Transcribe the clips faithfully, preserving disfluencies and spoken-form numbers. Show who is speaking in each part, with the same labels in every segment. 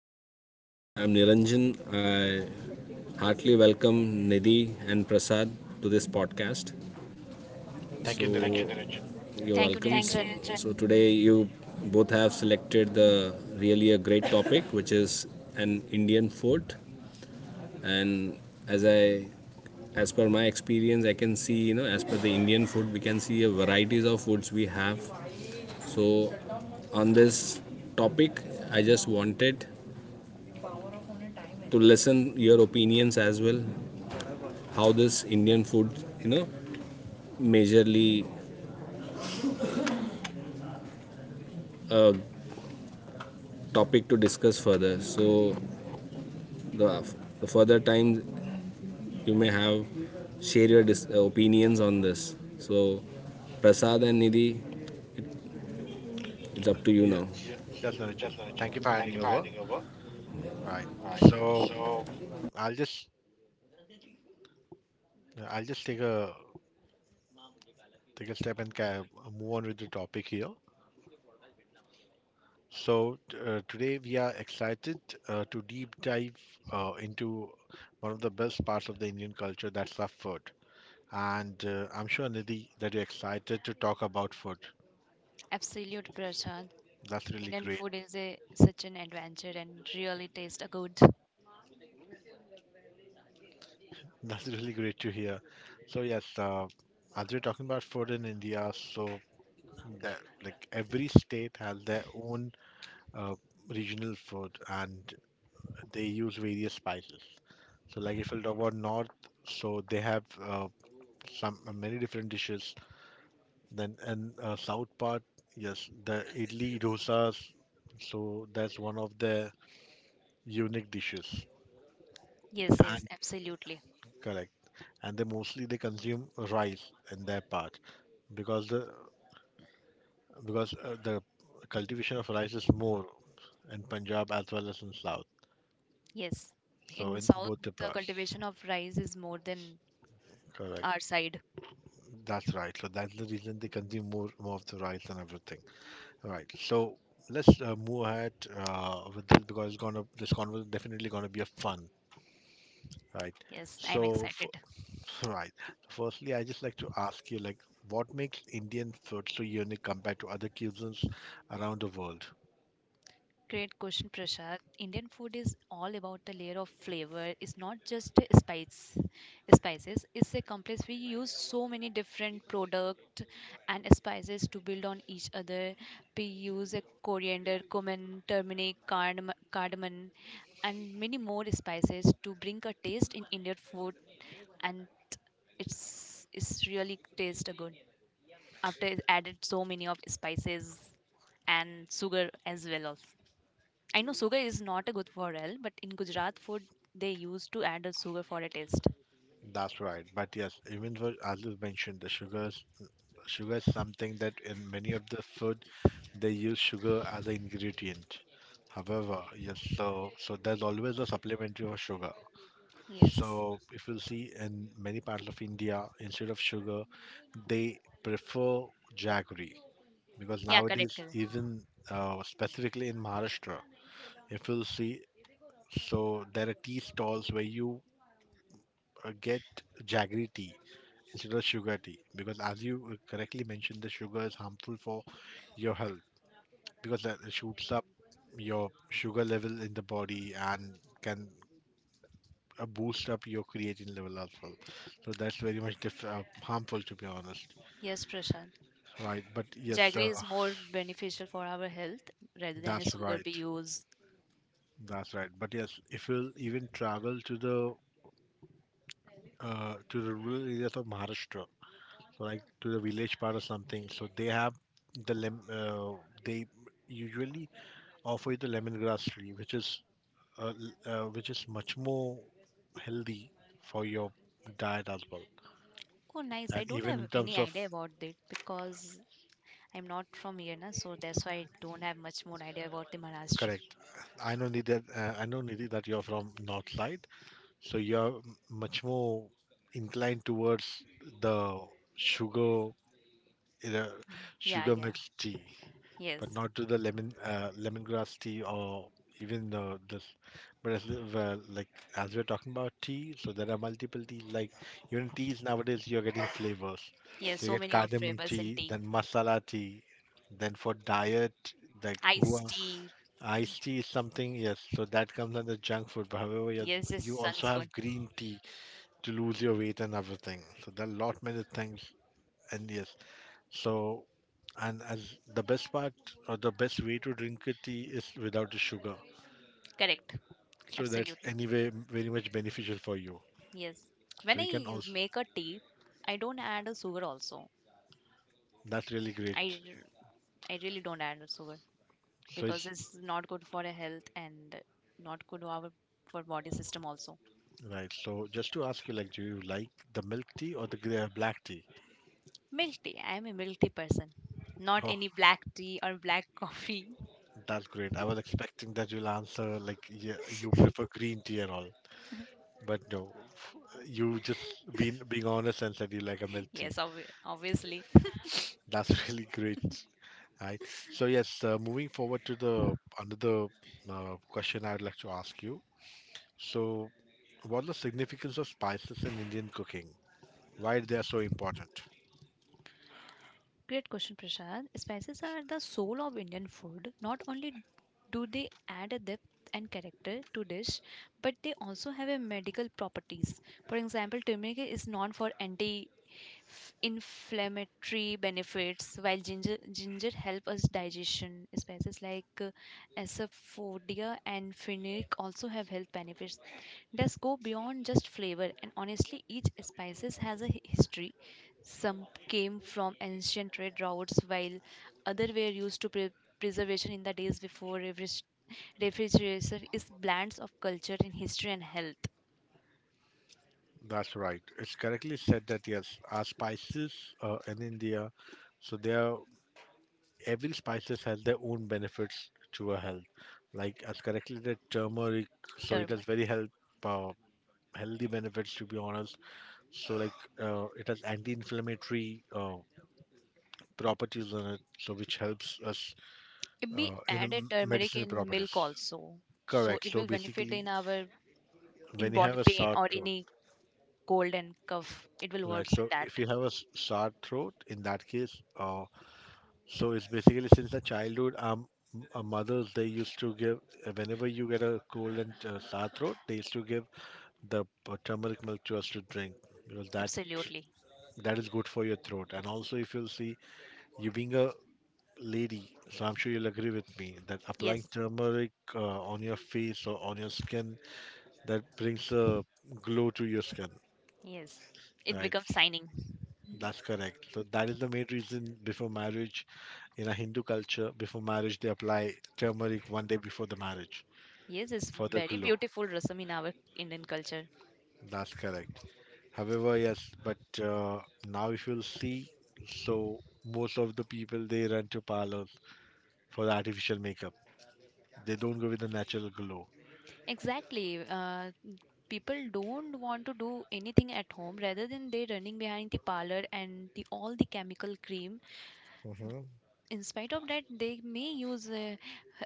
Speaker 1: hi, good morning. I'm Niranjan. I heartily welcome Nidhi and Prasad to this podcast.
Speaker 2: Thank
Speaker 1: So,
Speaker 2: you,
Speaker 1: thank you, are
Speaker 2: Niranjan.
Speaker 3: Thank you,
Speaker 1: welcome. Thank you,
Speaker 3: Niranjan.
Speaker 1: Niranjan. So, today you both have selected the really a great topic, which is an Indian food. And as I as per my experience, I can see, you know, as per the Indian food, we can see a varieties of foods we have. So, on this topic, I just wanted to listen your opinions as well how this Indian food, you know, majorly a topic to discuss further. So the, the further times you may have, share your dis- uh, opinions on this. So Prasad and Nidhi, it's up to you
Speaker 2: Yeah,
Speaker 1: now.
Speaker 2: that's Niranjan. Thank you for handing over. Right. So I'll just I'll just take a take a step and ca- move on with the topic here. So t- uh, today we are excited uh, to deep dive uh, into one of the best parts of the Indian culture, that's our food. And uh, I'm sure Nidhi that you're excited to talk about food.
Speaker 3: Absolute prashant.
Speaker 2: That's really
Speaker 3: Indian
Speaker 2: great.
Speaker 3: food is a such an adventure and really tastes good.
Speaker 2: That's really great to hear. So yes, uh, as we're talking about food in India, so that like every state has their own uh, regional food and they use various spices. So like if we talk about north, so they have uh, some uh, many different dishes. Then in uh, south part, yes, the idli dosas. So that's one of the unique dishes.
Speaker 3: Yes,
Speaker 2: And
Speaker 3: yes, absolutely.
Speaker 2: correct. And they mostly they consume rice in their part because the because uh, the cultivation of rice is more in Punjab as well as in South.
Speaker 3: Yes.
Speaker 2: So
Speaker 3: In
Speaker 2: in
Speaker 3: South,
Speaker 2: both the
Speaker 3: the
Speaker 2: parts,
Speaker 3: cultivation of rice is more than our
Speaker 2: correct.
Speaker 3: side.
Speaker 2: That's right. So that's the reason they consume more more of the rice and everything. Right. So let's uh, move ahead uh, with this because it's gonna this conversation definitely gonna be a fun, right?
Speaker 3: Yes, I'm
Speaker 2: So f-
Speaker 3: excited.
Speaker 2: right. Firstly, I just like to ask you like what makes Indian food so unique compared to other cuisines around the world?
Speaker 3: Great question, Prashad. Indian food is all about the layer of flavor. It's not just the spice, spices. It's a complex. We use so many different product and spices to build on each other. We use a coriander, cumin, turmeric, cardam- cardamom, and many more spices to bring a taste in Indian food, and it's it's really taste good after it added so many of spices and sugar as well. Also. I know sugar is not a good for health, but in Gujarat food they used to add a sugar for a taste.
Speaker 2: That's right. But yes, even for, as you mentioned, the sugars. Sugar is something that in many of the food they use sugar as an ingredient. However, yes, so so there's always a supplementary for sugar.
Speaker 3: Yes.
Speaker 2: So if you see in many parts of India, instead of sugar, they prefer jaggery because
Speaker 3: Yeah, correct,
Speaker 2: nowadays,
Speaker 3: correct.
Speaker 2: even uh, specifically in Maharashtra, if you'll see, so there are tea stalls where you uh, get jaggery tea instead of sugar tea because as you uh, correctly mentioned, the sugar is harmful for your health because that shoots up your sugar level in the body and can uh, boost up your creatine level as well. So that's very much diff- uh, harmful, to be honest.
Speaker 3: Yes, Prashant.
Speaker 2: Right, but yes,
Speaker 3: Jaggery
Speaker 2: uh,
Speaker 3: is more beneficial for our health rather than a
Speaker 2: that's
Speaker 3: sugar
Speaker 2: right.
Speaker 3: we use.
Speaker 2: That's right. But yes, if you'll even travel to the uh, to the rural areas of Maharashtra, like to the village part or something. So they have the lem- uh, they usually offer you the lemongrass tree, which is uh, l- uh, which is much more healthy for your diet as well.
Speaker 3: Oh, nice. I
Speaker 2: And
Speaker 3: don't
Speaker 2: even
Speaker 3: have
Speaker 2: in
Speaker 3: any
Speaker 2: terms of
Speaker 3: idea about it because I'm not from here, na, so that's why I don't have much more idea about the Maharashtra.
Speaker 2: correct, I know Nidhi that uh, I know Nidhi that you're from north side, so you're m- much more inclined towards the sugar in a
Speaker 3: Yeah,
Speaker 2: sugar
Speaker 3: yeah.
Speaker 2: mixed tea, but
Speaker 3: Yes.
Speaker 2: not to the lemon uh, lemongrass tea or even uh, this. But as li- well, like as we're talking about tea, so there are multiple teas. Like even teas nowadays, you're getting flavors.
Speaker 3: Yes,
Speaker 2: So you
Speaker 3: so
Speaker 2: get
Speaker 3: many of
Speaker 2: cardamom
Speaker 3: flavors and
Speaker 2: tea,
Speaker 3: tea.
Speaker 2: then masala tea, then for diet, like hua
Speaker 3: Iced tea.
Speaker 2: iced tea is something. Yes, so that comes under junk food. But however, yes,
Speaker 3: Yes, yes,
Speaker 2: you also
Speaker 3: sun's food.
Speaker 2: have green tea to lose your weight and everything. So there are lot many things. And yes, so, and as the best part or the best way to drink a tea is without the sugar.
Speaker 3: Correct.
Speaker 2: So that's
Speaker 3: Absolutely.
Speaker 2: anyway m- very much beneficial for you.
Speaker 3: Yes. When
Speaker 2: So you can
Speaker 3: I
Speaker 2: also
Speaker 3: make a tea, I don't add a sugar also.
Speaker 2: that's really
Speaker 3: I,
Speaker 2: great.
Speaker 3: r- I really don't add a sugar
Speaker 2: So
Speaker 3: because
Speaker 2: it's
Speaker 3: it's not good for the health and not good our for body system also.
Speaker 2: Right. So just to ask you, like, do you like the milk tea or the gre- black tea?
Speaker 3: Milk tea. I am a milk tea person. Not
Speaker 2: Oh,
Speaker 3: any black tea or black coffee.
Speaker 2: that's great. I was expecting that you'll answer like yeah, you prefer green tea and all, but no, f- you just been being honest and said you like a milk tea.
Speaker 3: Yes, obvi- obviously.
Speaker 2: That's really great. Right. So yes, uh, moving forward to the another uh, question I would like to ask you. So, what the significance of spices in Indian cooking? Why they are so important?
Speaker 3: Great question, Prashad. Spices are the soul of Indian food. Not only do they add a depth and character to dish, but they also have a medical properties. For example, turmeric is known for anti-inflammatory benefits, while ginger ginger help us digestion. Spices like uh, Asafoetida and fenugreek also have health benefits that go beyond just flavor. And honestly, each spices has a hi- history. Some came from ancient trade routes, while other were used to pre- preservation in the days before refrigeration. Refrigeration is blends of culture in history and health.
Speaker 2: That's right. It's correctly said that yes, our spices uh, in India, so they are every spices has their own benefits to our health. Like as correctly the turmeric, so it has
Speaker 3: Turmeric.
Speaker 2: very health uh, healthy benefits, to be honest. So like uh, it has anti-inflammatory Uh, properties on it, so which helps us
Speaker 3: If We
Speaker 2: uh, in
Speaker 3: added
Speaker 2: m-
Speaker 3: turmeric
Speaker 2: medicinal
Speaker 3: in
Speaker 2: properties.
Speaker 3: milk also, so
Speaker 2: Correct.
Speaker 3: it
Speaker 2: So
Speaker 3: will benefit
Speaker 2: basically,
Speaker 3: in our
Speaker 2: when
Speaker 3: in
Speaker 2: you have
Speaker 3: body
Speaker 2: a
Speaker 3: pain
Speaker 2: sore
Speaker 3: or
Speaker 2: throat,
Speaker 3: any cold and cough. It will
Speaker 2: right?
Speaker 3: works in
Speaker 2: So
Speaker 3: that.
Speaker 2: if you have a s- sore throat, in that case, uh, so it's basically since the childhood, um, m- uh, mothers they used to give uh, whenever you get a cold and uh, sore throat, they used to give the uh, turmeric milk to us to drink because that
Speaker 3: Absolutely.
Speaker 2: that is good for your throat. And also, if you'll see, you being a lady, so I'm sure you'll agree with me that applying
Speaker 3: Yes.
Speaker 2: turmeric uh, on your face or on your skin, that brings a glow to your skin,
Speaker 3: Yes. It
Speaker 2: right?
Speaker 3: becomes signing.
Speaker 2: That's correct. So that is the main reason before marriage, in a Hindu culture, before marriage they apply turmeric one day before the marriage
Speaker 3: Yes, it's
Speaker 2: for the
Speaker 3: very
Speaker 2: glow.
Speaker 3: beautiful rasam in our Indian culture.
Speaker 2: That's correct. However, yes, but uh, now if you'll see, so most of the people they run to parlors for the artificial makeup. They don't go with the natural glow.
Speaker 3: Exactly. Uh, people don't want to do anything at home rather than they running behind the parlor and the all the chemical cream.
Speaker 2: Mhm.
Speaker 3: In spite of that, they may use uh,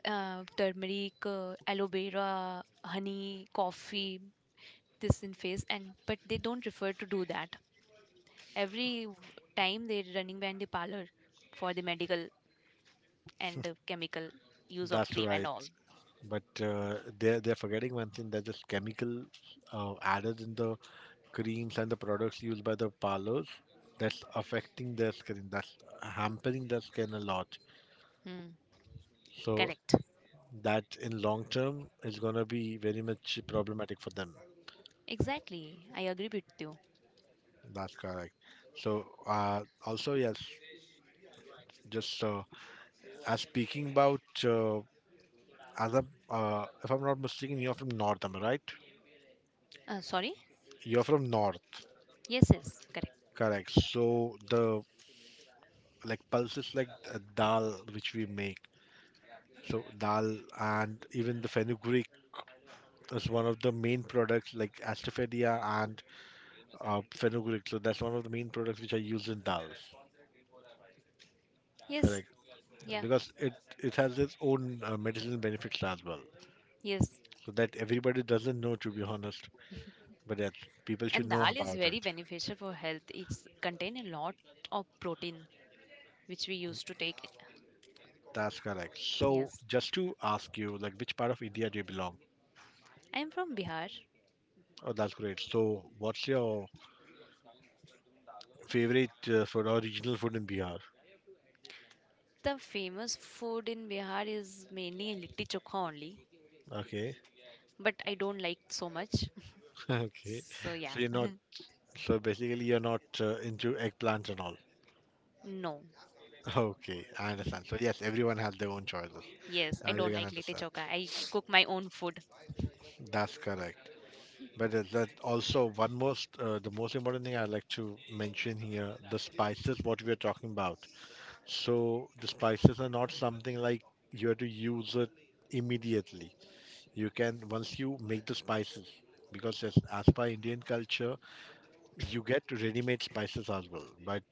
Speaker 3: uh, turmeric, uh, aloe vera, honey, coffee, this in face and but they don't prefer to do that every time they're running behind the parlor for the medical and uh, chemical use of
Speaker 2: That's
Speaker 3: cream and all.
Speaker 2: right. But uh, they're they're forgetting one thing that just chemical uh, added in the creams and the products used by the parlors, that's affecting their skin. That's hampering their skin a lot.
Speaker 3: Hmm.
Speaker 2: So
Speaker 3: Correct.
Speaker 2: that in long term is gonna be very much problematic for them.
Speaker 3: Exactly. I agree with you.
Speaker 2: That's correct. So uh, also yes, just uh, as speaking about uh, as a, uh, if I'm not mistaken, you're from North, am I right?
Speaker 3: Uh, sorry?
Speaker 2: You're from North.
Speaker 3: Yes, yes. Correct.
Speaker 2: Correct. So the like pulses like uh, dal which we make, so dal and even the fenugreek is one of the main products like astaferia and uh, fenugreek, so that's one of the main products which are used in dals,
Speaker 3: Yes.
Speaker 2: correct,
Speaker 3: Yeah.
Speaker 2: because it it has its own uh, medicinal benefits as well,
Speaker 3: Yes.
Speaker 2: so that everybody doesn't know, to be honest, but that people should
Speaker 3: And
Speaker 2: know
Speaker 3: dal is
Speaker 2: about
Speaker 3: very
Speaker 2: it.
Speaker 3: beneficial for health. It's contain a lot of protein which we used to take.
Speaker 2: That's correct. So
Speaker 3: Yes.
Speaker 2: just to ask you like, which part of India do you belong?
Speaker 3: I am from Bihar.
Speaker 2: Oh, that's great. So what's your favorite uh, food or regional food in Bihar?
Speaker 3: The famous food in Bihar is mainly litti chokha only,
Speaker 2: Okay.
Speaker 3: but I don't like so much.
Speaker 2: Okay.
Speaker 3: so yeah.
Speaker 2: So you're not, so basically you're not uh, into eggplants and all.
Speaker 3: no.
Speaker 2: Okay, I understand. So yes, everyone has their own choices.
Speaker 3: Yes, I
Speaker 2: I really
Speaker 3: don't
Speaker 2: can
Speaker 3: like litti
Speaker 2: understand.
Speaker 3: chokha. I cook my own food.
Speaker 2: That's correct. But is that also one most, uh, the most important thing I'd like to mention here, the spices what we are talking about. So the spices are not something like you have to use it immediately. You can once you make the spices, because as, as per Indian culture, you get ready-made spices as well. But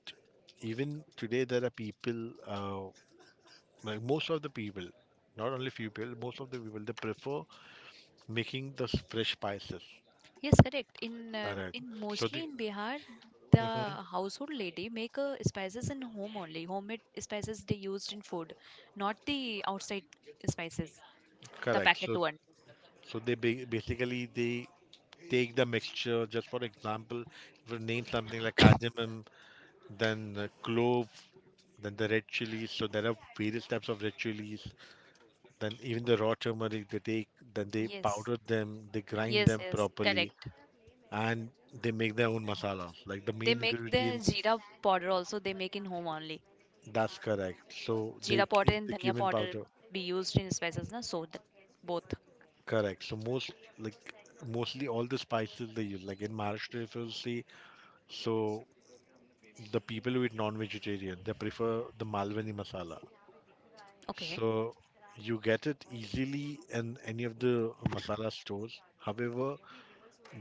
Speaker 2: even today, there are people, uh, like most of the people, not only few people, most of the people, they prefer making the s- fresh spices.
Speaker 3: Yes, correct. In uh,
Speaker 2: Correct.
Speaker 3: in
Speaker 2: So
Speaker 3: mostly
Speaker 2: the
Speaker 3: in Bihar, the
Speaker 2: mhm,
Speaker 3: household lady make uh, spices in home only. Homemade spices they used in food, not the outside spices, the
Speaker 2: correct.
Speaker 3: packet
Speaker 2: So
Speaker 3: one.
Speaker 2: so they ba- basically they take the mixture. Just for example, if we name something like cardamom, then uh, clove, then the red chilies. So there are various types of red chilies. Then even the raw turmeric they take, then they
Speaker 3: Yes,
Speaker 2: powder them, they grind
Speaker 3: yes,
Speaker 2: them
Speaker 3: yes,
Speaker 2: properly
Speaker 3: correct.
Speaker 2: and they make their own masala, like the
Speaker 3: They
Speaker 2: main
Speaker 3: make the
Speaker 2: ingredient.
Speaker 3: jeera powder also. They make in home only.
Speaker 2: That's correct. So they
Speaker 3: Jeera powder and
Speaker 2: the
Speaker 3: dhania
Speaker 2: cumin
Speaker 3: powder
Speaker 2: powder,
Speaker 3: be used in spices, na? So th- both.
Speaker 2: correct. So most like mostly all the spices they use, like in Maharashtra, if you'll see, so the people who eat non-vegetarian they prefer the Malwani masala.
Speaker 3: Okay.
Speaker 2: So you get it easily in any of the masala stores. However,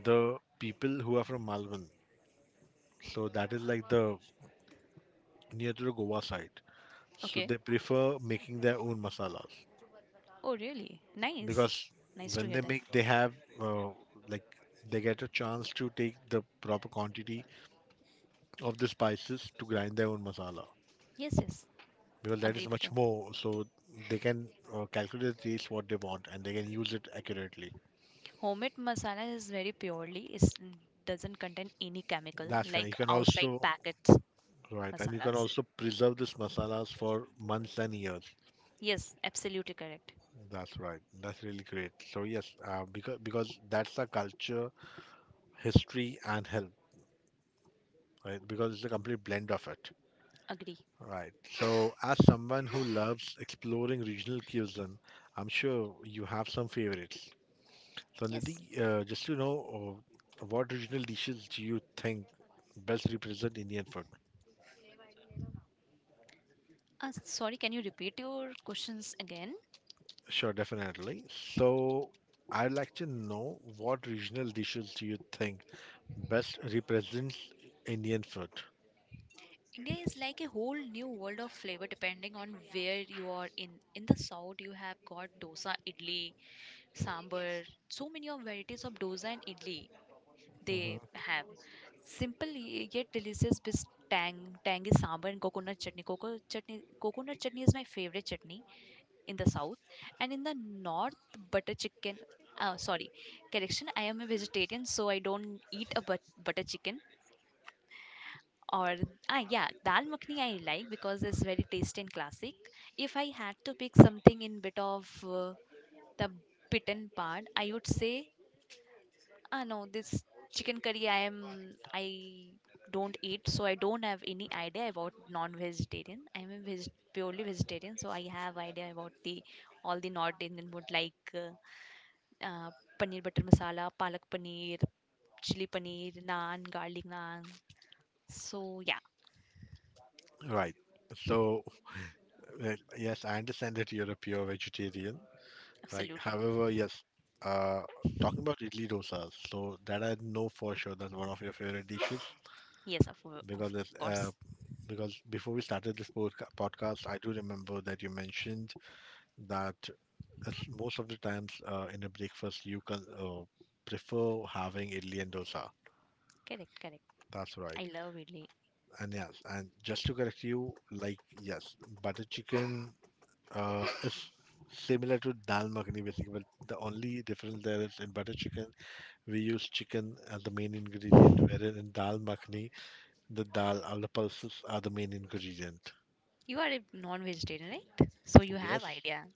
Speaker 2: the people who are from Malvan, so that is like the near to the Goa side, so
Speaker 3: Okay.
Speaker 2: they prefer making their own masalas
Speaker 3: Really? Close करो Nice.
Speaker 2: because
Speaker 3: Nice to
Speaker 2: when
Speaker 3: hear
Speaker 2: they make they
Speaker 3: that.
Speaker 2: have uh, like they get a chance to take the proper quantity of the spices to grind their own masala
Speaker 3: Yes, yes.
Speaker 2: because that
Speaker 3: Agree
Speaker 2: is
Speaker 3: with
Speaker 2: much
Speaker 3: you.
Speaker 2: more, so they can uh, calculate the taste what they want and they can use it accurately.
Speaker 3: Homemade masala is very purely, it doesn't contain any chemical
Speaker 2: That's kind you
Speaker 3: like
Speaker 2: can
Speaker 3: outside
Speaker 2: also
Speaker 3: packets
Speaker 2: right, and you can
Speaker 3: masalas.
Speaker 2: also preserve these masalas for months and years.
Speaker 3: Yes, absolutely correct.
Speaker 2: That's right. That's really great. So yes, uh, because because that's the culture, history and health, right? Because it's a complete blend of it,
Speaker 3: Agree.
Speaker 2: right? So, as someone who loves exploring regional cuisine, I'm sure you have some favorites. So, Nidhi,
Speaker 3: Yes.
Speaker 2: uh, just to know, uh, what regional dishes do you think best represent Indian food?
Speaker 3: Uh, sorry, can you repeat your questions again?
Speaker 2: Sure, definitely. So, I'd like to know what regional dishes do you think best represents Indian food?
Speaker 3: India is like a whole new world of flavor depending on where you are in. In the south, you have got dosa, idli, sambar, so many of varieties of dosa and idli
Speaker 2: Hmm.
Speaker 3: they have. Simple y- yet delicious with tang, tangy sambar and coconut chutney. Coconut chutney, coconut chutney is my favorite chutney in the south, and in the north, butter chicken. Oh, sorry, correction. I am a vegetarian, so I don't eat a but- butter chicken. Or ah yeah, dal makhni I like because it's very tasty and classic. If I had to pick something in bit of uh, the bitten part, I would say ah no, this chicken curry I am I don't eat, so I don't have any idea about non-vegetarian. I'm a veg- purely vegetarian, so I have idea about the all the North Indian food like uh, uh, paneer butter masala, palak paneer, chili paneer, naan, garlic naan. So yeah,
Speaker 2: Right. So, uh, yes, I understand that you're a pure vegetarian. Like,
Speaker 3: absolutely.
Speaker 2: however, yes, uh, talking about idli dosas, so that I know for sure that's one of your favorite dishes
Speaker 3: Yes, of, of
Speaker 2: because it's, uh,
Speaker 3: course.
Speaker 2: because before we started this podca- podcast, I do remember that you mentioned that it's- most of the times uh, in a breakfast you can uh, prefer having idli and dosa.
Speaker 3: Correct, correct.
Speaker 2: That's right.
Speaker 3: I love really.
Speaker 2: And yes, and just to correct you, like yes, butter chicken. Uh, it's similar to dal makhani basically, but the only difference there is in butter chicken we use chicken as the main ingredient, whereas in dal makhani the dal or the pulses are the main ingredient.
Speaker 3: You are a non-vegetarian, right? So you have
Speaker 2: Yes,
Speaker 3: idea.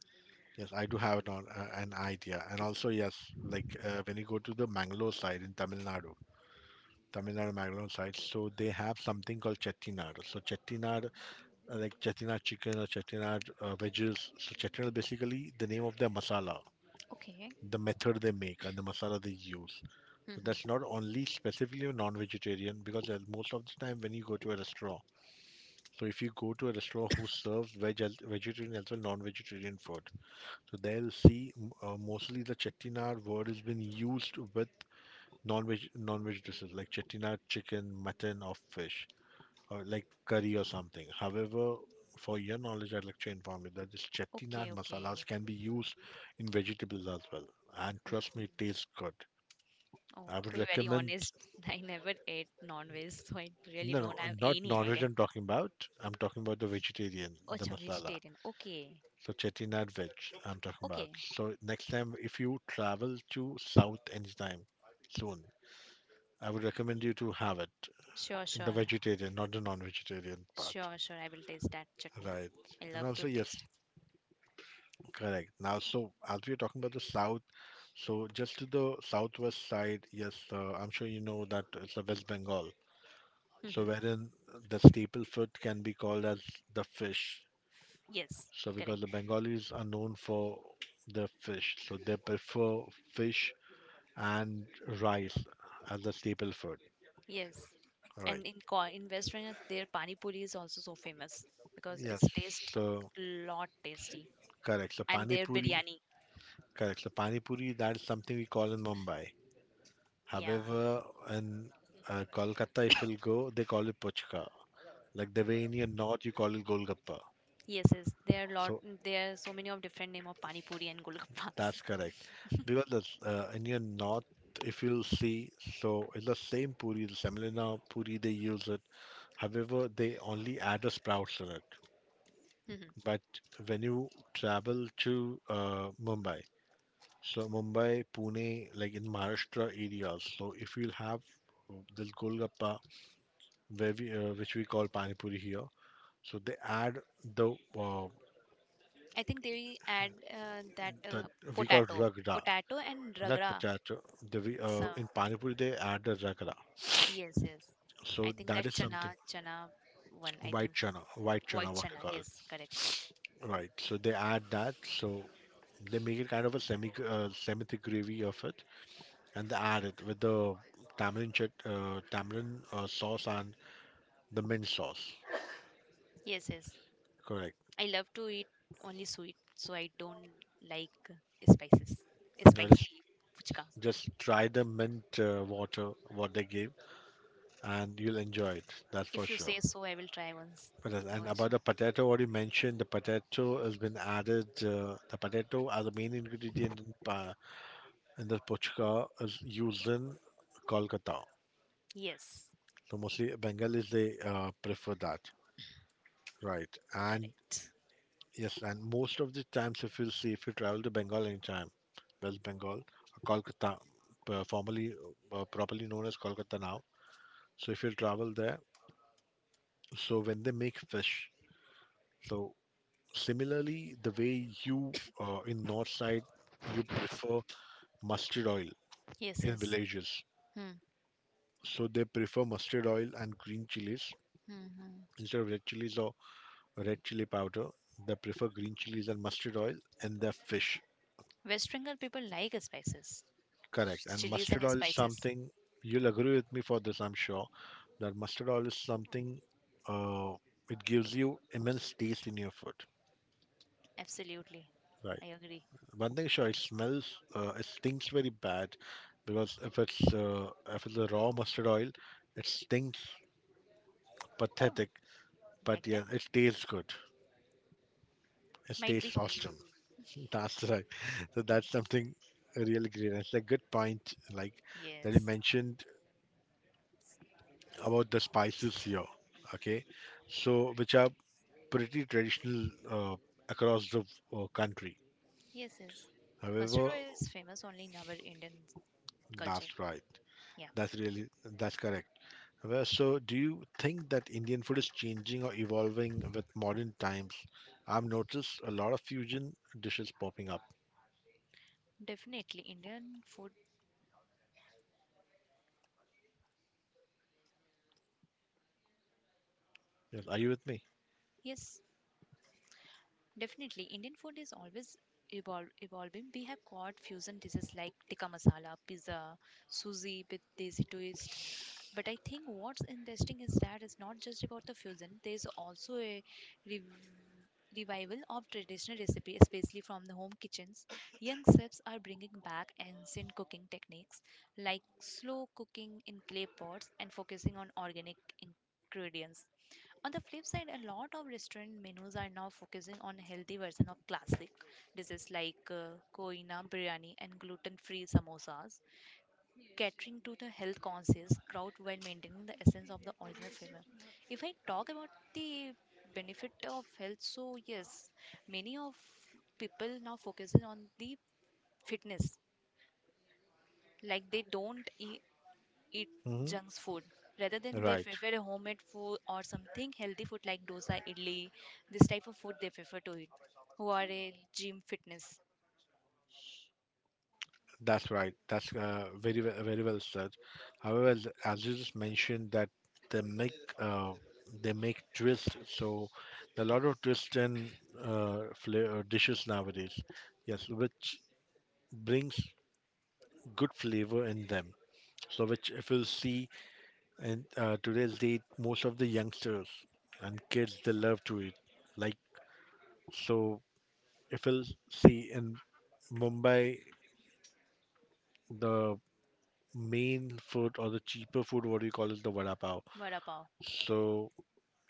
Speaker 2: yes, I do have an, on- uh, an idea, and also yes, like uh, when you go to the Mangalore side in Tamil Nadu. Tamil Nadu Mangalore side, so they have something called chettinad. So chettinad, uh, like chettinad chicken or chettinad uh, veggies. So chettinad basically the name of their masala,
Speaker 3: Okay.
Speaker 2: the method they make and the masala they use. So that's
Speaker 3: Mhm.
Speaker 2: not only specifically non-vegetarian because uh, most of the time when you go to a restaurant, so if you go to a restaurant who serves veg, as- vegetarian as well non-vegetarian food, so they'll see m- uh, mostly the chettinad word has been used with non-veg non-veg like chettinad chicken, mutton, or fish, or like curry or something. However, for your knowledge, I'd like to inform you that this chettinad
Speaker 3: Okay, okay.
Speaker 2: masalas can be used in vegetables as well, and trust me,
Speaker 3: Mhm.
Speaker 2: it tastes good.
Speaker 3: Oh,
Speaker 2: I
Speaker 3: to
Speaker 2: would
Speaker 3: be very
Speaker 2: recommend.
Speaker 3: honest, I never ate non-veg, so I really
Speaker 2: No, no,
Speaker 3: don't have
Speaker 2: not
Speaker 3: any
Speaker 2: non-veg,
Speaker 3: idea.
Speaker 2: I'm talking about. I'm talking about the vegetarian,
Speaker 3: Oh, it's
Speaker 2: the
Speaker 3: a
Speaker 2: masala.
Speaker 3: vegetarian. Okay,
Speaker 2: So chettinad veg, I'm talking about.
Speaker 3: okay.
Speaker 2: So next time, if you travel to South anytime soon, I would recommend you to have it
Speaker 3: Sure,
Speaker 2: in the
Speaker 3: sure,
Speaker 2: vegetarian, not the non-vegetarian part.
Speaker 3: sure, sure. I will taste that chutney.
Speaker 2: Right.
Speaker 3: I
Speaker 2: And
Speaker 3: love
Speaker 2: also,
Speaker 3: to
Speaker 2: yes,
Speaker 3: taste.
Speaker 2: correct. Now, so as we are talking about the south, so just to the southwest side, yes, uh, I'm sure you know that it's the West Bengal. So
Speaker 3: Hmm.
Speaker 2: wherein the staple food can be called as the fish.
Speaker 3: Yes,
Speaker 2: So because
Speaker 3: correct.
Speaker 2: the Bengalis are known for their fish, so they prefer fish and rice as the staple food.
Speaker 3: Yes,
Speaker 2: Right.
Speaker 3: and in Ko- in West Bengal, their pani puri is also so famous because
Speaker 2: Yes.
Speaker 3: it's taste
Speaker 2: So
Speaker 3: a lot tasty,
Speaker 2: correct. So
Speaker 3: and
Speaker 2: pani
Speaker 3: their
Speaker 2: puri.
Speaker 3: biryani.
Speaker 2: Correct. So pani puri. That's something we call in Mumbai.
Speaker 3: Yeah,
Speaker 2: However, in uh, Kolkata, if you'll go, they call it puchka. Like the way in your north, you call it golgappa.
Speaker 3: yes, yes. There are lot.
Speaker 2: So
Speaker 3: There are so many of different name of pani puri and golgappas.
Speaker 2: that's correct. Because the, uh, in your north, if you'll see, so it's the same puri, the semolina puri, they use it. However, they only add the sprouts in it.
Speaker 3: Mhm.
Speaker 2: But when you travel to uh, Mumbai, so Mumbai, Pune, like in Maharashtra areas, so if you'll have uh, this golgappa, where we, uh, which we call pani puri here, so they add the uh,
Speaker 3: I think they add uh, that
Speaker 2: that
Speaker 3: uh,
Speaker 2: we call
Speaker 3: potato,
Speaker 2: ragda,
Speaker 3: potato and
Speaker 2: not
Speaker 3: ragra.
Speaker 2: potato. The, we,
Speaker 3: So
Speaker 2: uh, in pani puri they add the ragda.
Speaker 3: yes, yes. I
Speaker 2: So
Speaker 3: think that
Speaker 2: that is something.
Speaker 3: chana, chana one. I
Speaker 2: White
Speaker 3: think
Speaker 2: chana, white
Speaker 3: white
Speaker 2: chana, what they
Speaker 3: chana.
Speaker 2: call
Speaker 3: Yes, correct.
Speaker 2: it. Right. So they add that. So they make it kind of a semi uh, semi thick gravy of it, and they add it with the tamarind chut, uh, tamarind uh, sauce and the mint sauce.
Speaker 3: Yes, yes.
Speaker 2: Correct.
Speaker 3: I love to eat only sweet, so I don't like spices.
Speaker 2: Now just
Speaker 3: Spicy puchka.
Speaker 2: just try the mint uh, water what they gave, and you'll enjoy it. That's for
Speaker 3: If you
Speaker 2: sure.
Speaker 3: say so, I will try once.
Speaker 2: But as-
Speaker 3: No
Speaker 2: and about
Speaker 3: issue.
Speaker 2: the potato, already mentioned the potato has been added. Uh, the potato as a main ingredient in, pa- in the puchka is used in Kolkata.
Speaker 3: Yes,
Speaker 2: So mostly Bengalis they uh, prefer that, right? And
Speaker 3: correct.
Speaker 2: yes, and most of the times if you see if you travel to Bengal anytime, West Bengal, Kolkata, uh, formerly uh, properly known as Kolkata now. So if you travel there, so when they make fish, so similarly, the way you uh, in north side you prefer mustard oil
Speaker 3: Yes,
Speaker 2: in
Speaker 3: yes.
Speaker 2: villages,
Speaker 3: Hmm.
Speaker 2: so they prefer mustard oil and green chilies
Speaker 3: Hmm. hmm.
Speaker 2: instead of red chilies or red chili powder. They prefer green chilies and mustard oil and their fish.
Speaker 3: West Bengal people like spices,
Speaker 2: Correct. And
Speaker 3: chilies and
Speaker 2: mustard oil is
Speaker 3: spices.
Speaker 2: something you'll agree with me for this, I'm sure, that mustard oil is something, uh, it gives you immense taste in your food.
Speaker 3: Absolutely,
Speaker 2: Right.
Speaker 3: I agree.
Speaker 2: One thing sure, it smells, uh, it stinks very bad because if it's uh, if it's a raw mustard oil, it stinks
Speaker 3: Oh,
Speaker 2: pathetic. But
Speaker 3: like
Speaker 2: yeah,
Speaker 3: that?
Speaker 2: it tastes good. It
Speaker 3: Might be.
Speaker 2: tastes awesome. That's right. So that's something really great. It's a good point, like that you
Speaker 3: Yes.
Speaker 2: mentioned about the spices here. Okay, so which are pretty traditional uh, across the uh, country.
Speaker 3: Yes, yes. Mustard
Speaker 2: However,
Speaker 3: oil is famous only in our Indian culture.
Speaker 2: that's right.
Speaker 3: Yeah,
Speaker 2: That's really that's correct. Well, so do you think that Indian food is changing or evolving with modern times? I've noticed a lot of fusion dishes popping up.
Speaker 3: definitely Indian food.
Speaker 2: Yes, are you with me?
Speaker 3: Yes, definitely, Indian food is always evol- evolving. We have got fusion dishes like tikka masala, pizza, sushi with desi twist. But I think what's interesting is that it's not just about the fusion. There's also a rev- revival of traditional recipe, especially from the home kitchens. Young chefs are bringing back ancient cooking techniques like slow cooking in clay pots and focusing on organic ingredients. On the flip side, a lot of restaurant menus are now focusing on healthy version of classic dishes like uh, koina biryani and gluten-free samosas, catering to the health-conscious crowd while maintaining the essence of the original flavor. If I talk about the benefit of health, so yes, many of people now focusing on the fitness. Like they don't eat, eat
Speaker 2: Hmm.
Speaker 3: junk food rather than they
Speaker 2: Right.
Speaker 3: prefer a homemade food or something healthy food like dosa idli this type of food they prefer to eat who are a gym fitness
Speaker 2: That's right. That's uh, very we- very well said. However, as as you just mentioned that they make uh, they make twist. So there are a lot of twist in uh, fla- uh, dishes nowadays. Yes, which brings good flavor in them. So, which if you see in uh, today's date, most of the youngsters and kids they love to eat. Like so, if you'll see in Mumbai, the main food or the cheaper food, what do you call it, the vada pav.
Speaker 3: vada pav.
Speaker 2: So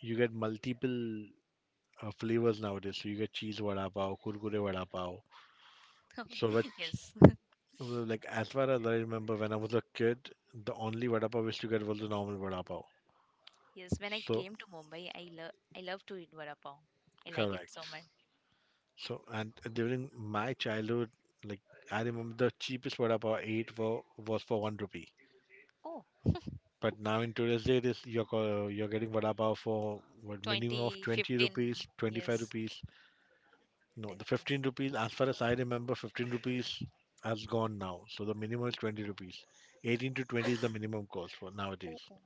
Speaker 2: you get multiple uh, flavors nowadays. So you get cheese vada pav, kurkure vada pav. So which
Speaker 3: Yes.
Speaker 2: uh, like as far as I remember, when I was a kid, the only vada pav I used to get was the normal vada pav.
Speaker 3: Yes, when I
Speaker 2: So
Speaker 3: came to Mumbai, I love i love to eat vada pav. I like it
Speaker 2: correct.
Speaker 3: so much.
Speaker 2: So, and during my childhood, like I remember the cheapest vada pav I ate for was for one rupee.
Speaker 3: Oh,
Speaker 2: But now in today's day, this you're co- you're getting vada pav for what minimum of
Speaker 3: twenty
Speaker 2: twenty
Speaker 3: fifteen
Speaker 2: rupees, twenty five
Speaker 3: yes.
Speaker 2: rupees. No,
Speaker 3: That-
Speaker 2: the
Speaker 3: yeah.
Speaker 2: fifteen rupees. As far as I remember, fifteen rupees has gone now. So the minimum is twenty rupees. Eighteen to twenty is the minimum cost for nowadays.
Speaker 3: Oh, oh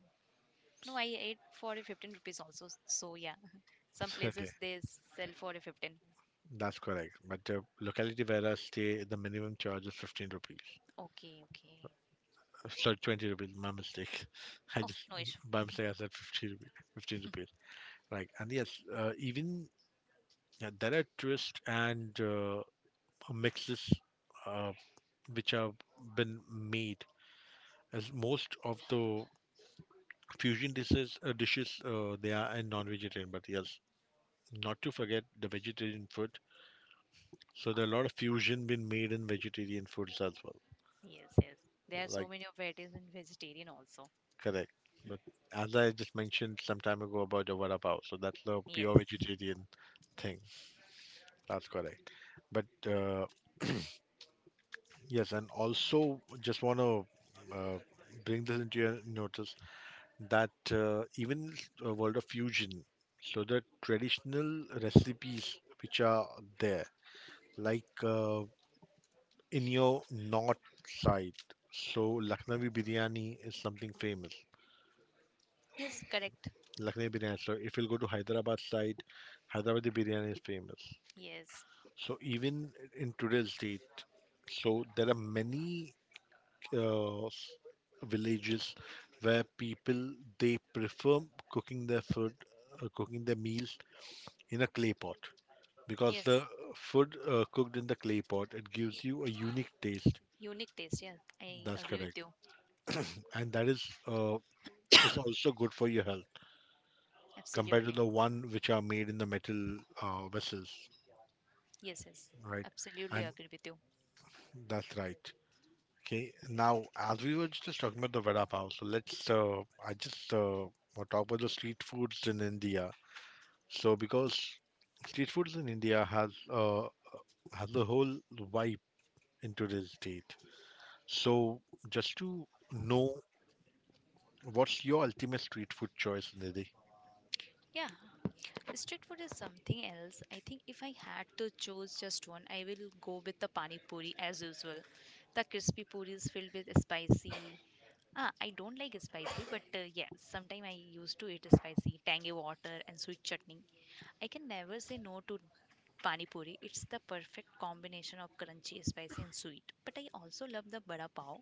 Speaker 3: no, I ate for a fifteen rupees also, so yeah. Some
Speaker 2: Okay,
Speaker 3: places they sell for a fifteen.
Speaker 2: that's correct. But the locality where I stay, the minimum charge is fifteen rupees.
Speaker 3: Okay, okay.
Speaker 2: Sorry, twenty rupees, my mistake. I
Speaker 3: Oh,
Speaker 2: just,
Speaker 3: no issue.
Speaker 2: by mistake, I said fifty rupees, fifteen rupees. Right. And yes, uh, even uh, there are twists and uh, mixes uh, which have been made as most of the fusion dishes, uh, dishes uh, they are in non-vegetarian, but yes, not to forget the vegetarian food. So there are a lot of fusion been made in vegetarian foods as well.
Speaker 3: Yes, yes. There are so
Speaker 2: Like,
Speaker 3: many of varieties in vegetarian also.
Speaker 2: correct. But as I just mentioned some time ago about the vada pav, so that's the
Speaker 3: Yes.
Speaker 2: pure vegetarian thing. That's correct. But uh, yes, and also just want to uh, bring this into your notice that uh, even a world of fusion, so the traditional recipes which are there, like uh, in your north side, so Lucknowi biryani is something famous.
Speaker 3: Yes, correct.
Speaker 2: Lucknow biryani. So if you'll go to Hyderabad side, Hyderabadi biryani is famous.
Speaker 3: Yes.
Speaker 2: So even in today's date, so there are many uh, s- villages where people they prefer cooking their food, uh, cooking their meals in a clay pot because
Speaker 3: Yes.
Speaker 2: the food uh, cooked in the clay pot it gives you a unique taste.
Speaker 3: Unique taste. Yeah, I
Speaker 2: That's
Speaker 3: agree with
Speaker 2: correct,
Speaker 3: you.
Speaker 2: and that is uh, is also good for your health compared to
Speaker 3: Absolutely.
Speaker 2: the one which are made in the metal uh, vessels.
Speaker 3: Yes, yes.
Speaker 2: Right.
Speaker 3: Absolutely
Speaker 2: And
Speaker 3: agree with you.
Speaker 2: that's right. Okay. Now, as we were just talking about the vada pav, so let's uh, I just uh, want talk about the street foods in India. So because street foods in India has uh, has a whole vibe in today's date. So just to know what's your ultimate street food choice, Nidhi?
Speaker 3: Yeah. Street food is something else. I think if I had to choose just one, I will go with the pani puri as usual. The crispy puri is filled with spicy. Ah, I don't like spicy, but uh, yeah, sometimes I used to eat spicy, tangy water, and sweet chutney. I can never say no to pani puri. It's the perfect combination of crunchy, spicy, and sweet. But I also love the vada pav,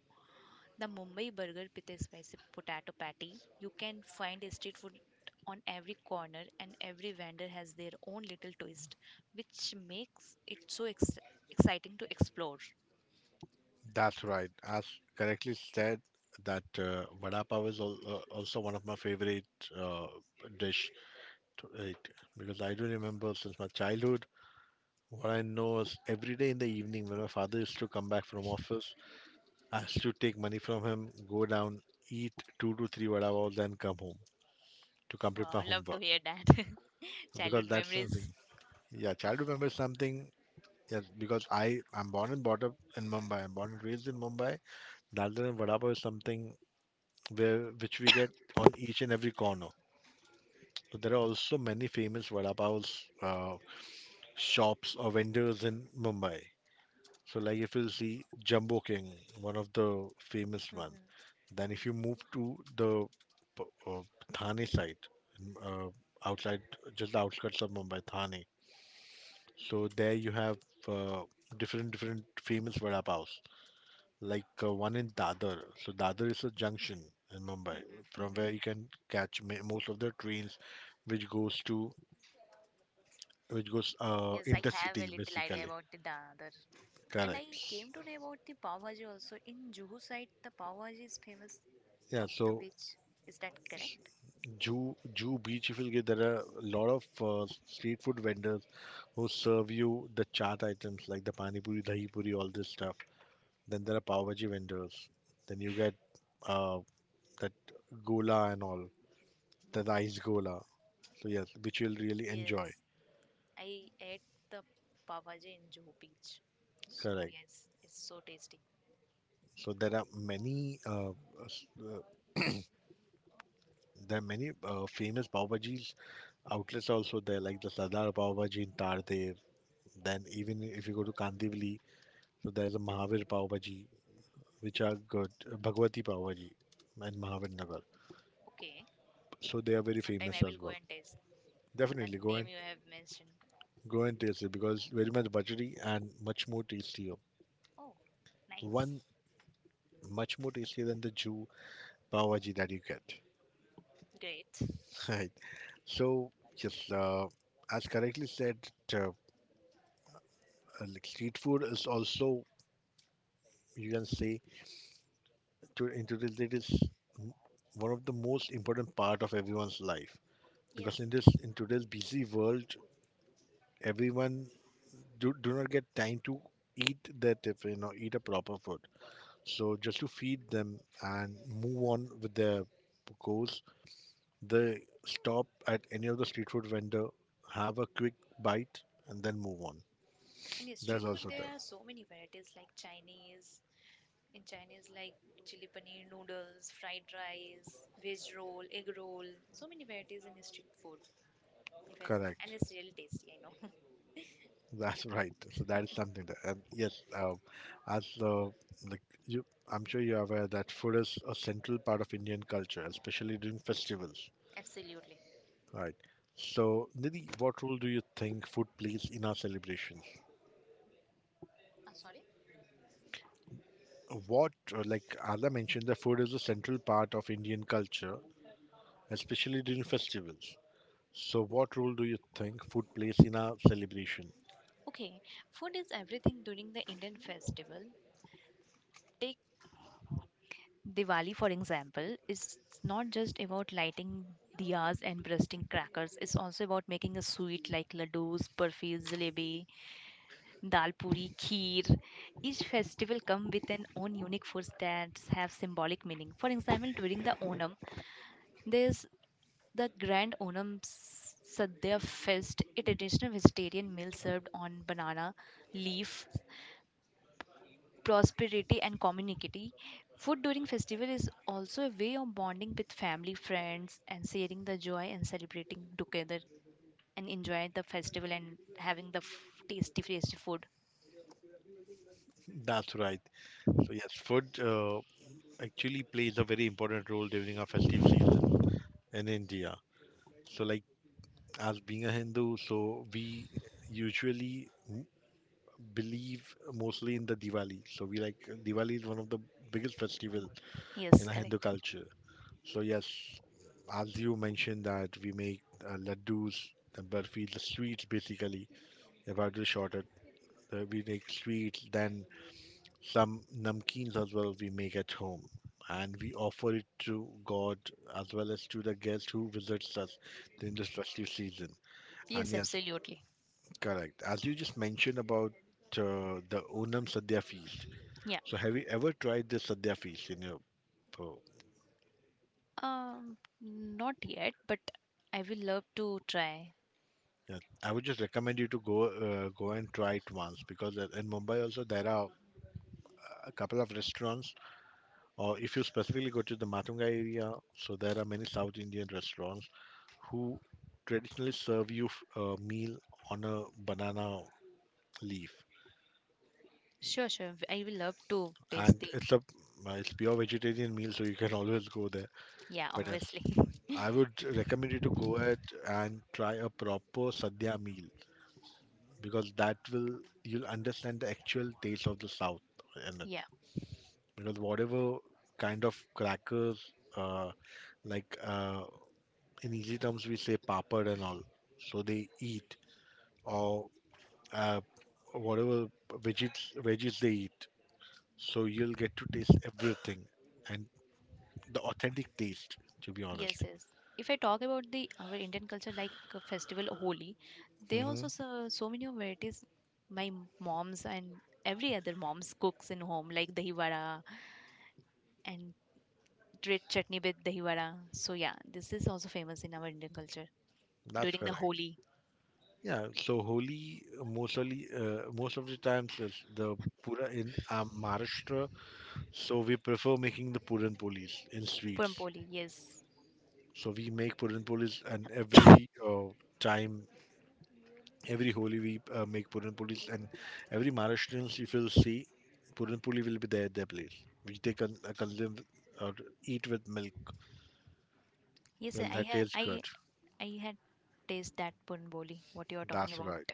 Speaker 3: the Mumbai burger with a spicy potato patty. You can find a street food on every corner, and every vendor has their own little twist, which makes it so ex- exciting to explore.
Speaker 2: That's right. As correctly said, that uh, vada pav is al- uh, also one of my favorite uh, dish to it because I do remember since my childhood. What I know is every day in the evening when my father used to come back from office, I used to take money from him, go down, eat two to three vada balls, then come home to complete
Speaker 3: Wow,
Speaker 2: my
Speaker 3: love to
Speaker 2: homework.
Speaker 3: hear that.
Speaker 2: Because
Speaker 3: Childhood
Speaker 2: that's
Speaker 3: memories.
Speaker 2: something. Yeah, childhood memory is something. Yes, because I I'm born and brought up in Mumbai. I'm born and raised in Mumbai. Dal and vada pav is something where which we get on each and every corner. So there are also many famous vada pavs uh, shops or vendors in Mumbai. So like if you'll see Jumbo King, one of the famous one. Then if you move to the p- uh, Thane side, in, uh, outside just the outskirts of Mumbai, Thane. So there you have uh, different different famous vada paos. Like uh, one in Dadar. So Dadar is a junction in Mumbai
Speaker 3: Mm-hmm,
Speaker 2: from
Speaker 3: mm-hmm.
Speaker 2: where you can catch ma- most of the trains which goes to which goes uh,
Speaker 3: Yes, I have a
Speaker 2: intercity
Speaker 3: little idea
Speaker 2: basically.
Speaker 3: about the Dadar. And I
Speaker 2: Correct.
Speaker 3: came to know about the Pav Bhaji also. In Juhu side, the Pav Bhaji is famous
Speaker 2: Yeah.
Speaker 3: of the
Speaker 2: So
Speaker 3: beach. Is that correct?
Speaker 2: Jew Jew Beach, if you get there are a lot of uh, street food vendors who serve you the chaat items like the pani puri, dahi puri, all this stuff. Then there are pav bhaji vendors. Then you get uh, that gola and all, the ice gola. So yes, which you'll really enjoy.
Speaker 3: Yes, I ate the Pav Bhaji in Juhu beach. So
Speaker 2: Correct.
Speaker 3: yes, it's so tasty.
Speaker 2: So there are many uh, s- uh, there are many uh, famous pav bhajis outlets also there, like the Sardar Pav Bhaji in Tardev. Then even if you go to Kandivali, so there's a Mahavir Pav Bhaji, which are good. uh, Bhagwati Pav Bhaji and Mahavir Nagar.
Speaker 3: Okay,
Speaker 2: So they are very
Speaker 3: sometime
Speaker 2: famous
Speaker 3: I will
Speaker 2: as
Speaker 3: go
Speaker 2: well.
Speaker 3: and taste the
Speaker 2: Definitely go
Speaker 3: name
Speaker 2: and
Speaker 3: you have mentioned.
Speaker 2: go and taste it because very much buttery and much more tastier.
Speaker 3: Oh, nice.
Speaker 2: One much more tastier than the Jew Pav Bhaji that you get.
Speaker 3: Great.
Speaker 2: Right. So yes, uh, as correctly said, uh, uh, like street food is also you can say to in today's it is m- one of the most important part of everyone's life because in
Speaker 3: Yes,
Speaker 2: this in today's busy world everyone do, do not get time to eat their tiffin or eat a proper food. So just to feed them and move on with their goals, they stop at any of the street food vendor, have a quick bite, and then move on.
Speaker 3: in the street
Speaker 2: That's
Speaker 3: food
Speaker 2: also there.
Speaker 3: there are so many varieties like Chinese, in Chinese, like chili paneer, noodles, fried rice, veg roll, egg roll. So many varieties in street food, if I say. And
Speaker 2: Correct.
Speaker 3: it's really tasty, I know.
Speaker 2: That's right. So that is something that, and yes, uh, as uh, like you, I'm sure you're aware that food is a central part of Indian culture, especially during festivals.
Speaker 3: Absolutely.
Speaker 2: All right. So, Nidhi, what role do you think food plays in our celebrations?
Speaker 3: Ah, sorry?
Speaker 2: What, uh, like as I mentioned, the food is a central part of Indian culture, especially during festivals. So, what role do you think food plays in our celebration?
Speaker 3: Okay, food is everything during the Indian festival. Take Diwali for example. It's not just about lighting diyas and bursting crackers. It's also about making a sweet like laddus, burfis, jalebi, Dal puri, kheer. Each festival come with an own unique foods that have symbolic meaning. For example, during the Onam, there's the Grand Onam S- Sadhya Fest, a traditional vegetarian meal served on banana leaf. Prosperity and community. Food during festival is also a way of bonding with family, friends, and sharing the joy and celebrating together, and enjoying the festival and having the f- tasty, tasty food.
Speaker 2: That's right. So, yes, food uh, actually plays a very important role during our festive season in India. So, like as being a Hindu, so we usually m- believe mostly in the Diwali. So we like Diwali is one of the biggest festival in
Speaker 3: Yes,
Speaker 2: our Hindu
Speaker 3: correct.
Speaker 2: culture. So yes, as you mentioned that we make uh, laddus, the burfi, the sweets basically. If I do short it, uh, we make sweets, then some namkeens as well we make at home. And we offer it to God as well as to the guest who visits us during this festive season. And
Speaker 3: Yes,
Speaker 2: yes,
Speaker 3: absolutely.
Speaker 2: correct. As you just mentioned about uh, the Onam Sadhya feast,
Speaker 3: Yeah.
Speaker 2: so, have you ever tried this sadhya feast in your? Oh,
Speaker 3: Um, not yet, but I will love to try.
Speaker 2: yeah. I would just recommend you to go uh, go and try it once because uh, in Mumbai also there are a couple of restaurants, or if you specifically go to the Matunga area, so there are many South Indian restaurants who traditionally serve you f- a meal on a banana leaf,
Speaker 3: Sure, sure. I will love to taste
Speaker 2: and
Speaker 3: the.
Speaker 2: it's a uh, it's pure vegetarian meal, so you can always go there.
Speaker 3: Yeah,
Speaker 2: But yes,
Speaker 3: obviously.
Speaker 2: I would recommend you to go ahead and try a proper sadhya meal because that will you'll understand the actual taste of the South in it.
Speaker 3: Yeah.
Speaker 2: Because whatever kind of crackers, uh, like uh, in easy terms we say papad and all, so they eat or uh, whatever veggies veggies they eat, so you'll get to taste everything and the authentic taste, to be
Speaker 3: Yes,
Speaker 2: honest.
Speaker 3: yes. If I talk about the our Indian culture, like uh, festival Holi, there
Speaker 2: Hmm.
Speaker 3: also so, so many of varieties. My m- moms and every other moms cooks in home like dahi vada and red chutney with dahi vada. So yeah, this is also famous in our Indian culture
Speaker 2: That's
Speaker 3: during the
Speaker 2: correct.
Speaker 3: Holi.
Speaker 2: Yeah, so Holi uh, mostly uh, most of the times is the pura in uh, Maharashtra, so we prefer making the puran polis in
Speaker 3: Puram
Speaker 2: sweets.
Speaker 3: Poli. Yes.
Speaker 2: So we make puran polis, and every uh, time, every Holi we uh, make puran polis, and every Maharashtrians if you'll see, puran poli will be there at their place, which they can uh, consume or eat with milk.
Speaker 3: Yes,
Speaker 2: Well,
Speaker 3: I
Speaker 2: that
Speaker 3: had
Speaker 2: tastes good.
Speaker 3: I I had taste that pun boli. What you are talking
Speaker 2: That's
Speaker 3: about?
Speaker 2: right.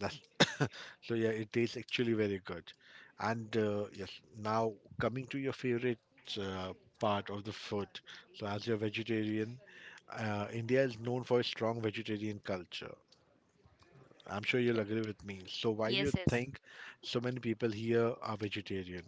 Speaker 2: That's so yeah, it tastes actually very good. And uh, yes, now coming to your favorite uh, part of the food. So as you're vegetarian, uh, India is known for its strong vegetarian culture. I'm sure you'll
Speaker 3: Correct.
Speaker 2: agree with me. So why do you
Speaker 3: Yes, yes.
Speaker 2: think so many people here are vegetarian?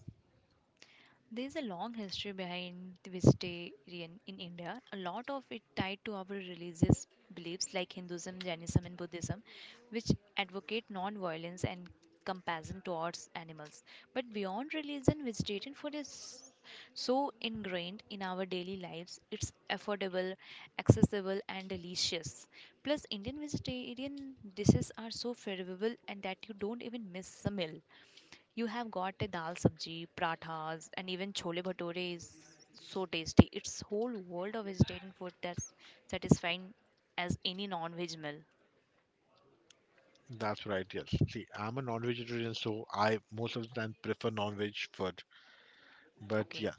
Speaker 3: There's a long history behind the vegetarian in India, a lot of it tied to our religious beliefs like Hinduism, Jainism, and Buddhism, which advocate non violence and compassion towards animals. But beyond religion, vegetarian food is so ingrained in our daily lives, it's affordable, accessible, and delicious. Plus, Indian vegetarian dishes are so favorable and that you don't even miss a meal. You have got a dal sabji, prathas, and even chole bhature is so tasty. It's whole world of vegetarian food that's satisfying as any non-veg meal.
Speaker 2: That's right, yes. See, I'm a non-vegetarian, so I most of the time prefer non-veg food. But
Speaker 3: Okay.
Speaker 2: yes,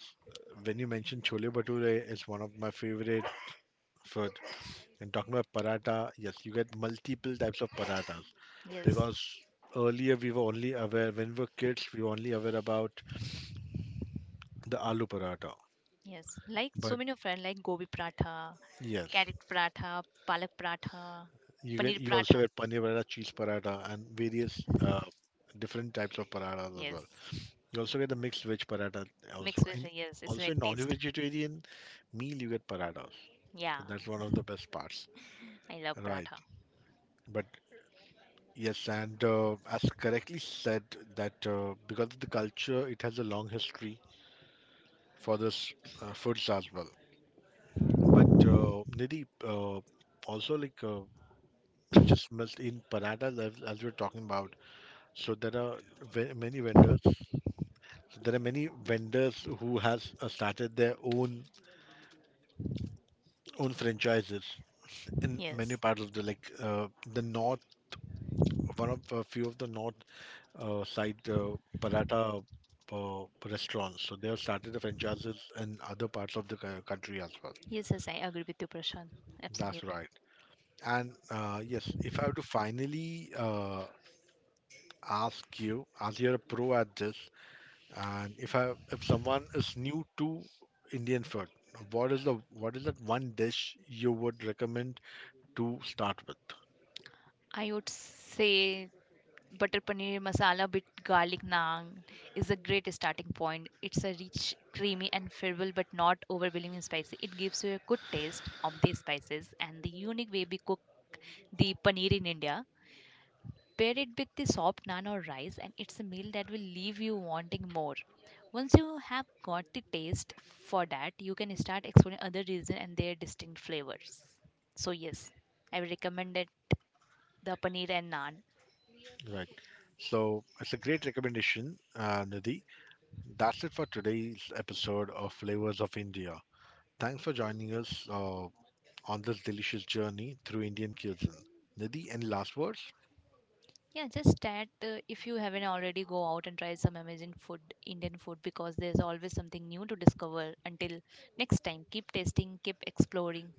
Speaker 2: when you mentioned chole bhature, it's one of my favorite food. And talking about paratha, yes, you get multiple types of parathas
Speaker 3: Yes.
Speaker 2: because earlier we were only aware when we were kids we were only aware about the aloo paratha.
Speaker 3: Yes. Like so
Speaker 2: But
Speaker 3: many of friends like gobi pratha,
Speaker 2: yes,
Speaker 3: carrot pratha, palak pratha,
Speaker 2: you get
Speaker 3: paneer
Speaker 2: you
Speaker 3: pratha.
Speaker 2: also get paneer paratha, cheese paratha, and various uh, different types of parathas as well.
Speaker 3: Yes.
Speaker 2: You also get the mixed veg paratha
Speaker 3: Mixed
Speaker 2: also,
Speaker 3: with
Speaker 2: and
Speaker 3: yes, it's
Speaker 2: also
Speaker 3: very
Speaker 2: in
Speaker 3: tasty.
Speaker 2: non-vegetarian meal you get parathas. So
Speaker 3: Yeah.
Speaker 2: that's one of the best parts,
Speaker 3: I love
Speaker 2: right?
Speaker 3: pratha.
Speaker 2: But yes, and uh, as correctly said, that uh, because of the culture, it has a long history for this uh, foods as well. So, Nidhi, uh, also like uh, you just missed in paradas as, as we're talking about. So there are ve- many vendors. There are many vendors who has uh, started their own own franchises in many
Speaker 3: Yes.
Speaker 2: parts of the like uh, the north. One of a few of the north uh, side uh, paratha uh, restaurants. So they have started the franchises in other parts of the co- country as well.
Speaker 3: Yes, yes, I agree with you, Prashant.
Speaker 2: That's
Speaker 3: Absolutely.
Speaker 2: right. And uh, yes, if I have to finally uh, ask you, as you're a pro at this, and if I if someone is new to Indian food, what is the what is that one dish you would recommend to start with?
Speaker 3: I would say butter paneer masala with garlic naan is a great starting point. It's a rich, creamy, and flavorful but not overwhelmingly spicy. It gives you a good taste of these spices and the unique way we cook the paneer in India. Pair it with the soft naan or rice, and it's a meal that will leave you wanting more. Once you have got the taste for that, you can start exploring other regions and their distinct flavors. So yes, I will recommend it, the paneer and naan.
Speaker 2: Right. So it's a great recommendation, uh, Nidhi. That's it for today's episode of Flavors of India. Thanks for joining us uh, on this delicious journey through Indian cuisine. Nidhi, any last words?
Speaker 3: Yeah, just that uh, if you haven't already, go out and try some amazing food, Indian food, because there's always something new to discover. Until next time, keep tasting, keep exploring.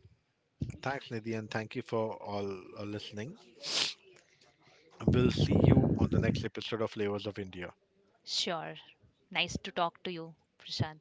Speaker 2: Thanks, Nidhi, and thank you for all uh, listening. We'll see you on the next episode of Flavors of India.
Speaker 3: Sure. Nice to talk to you, Prashant.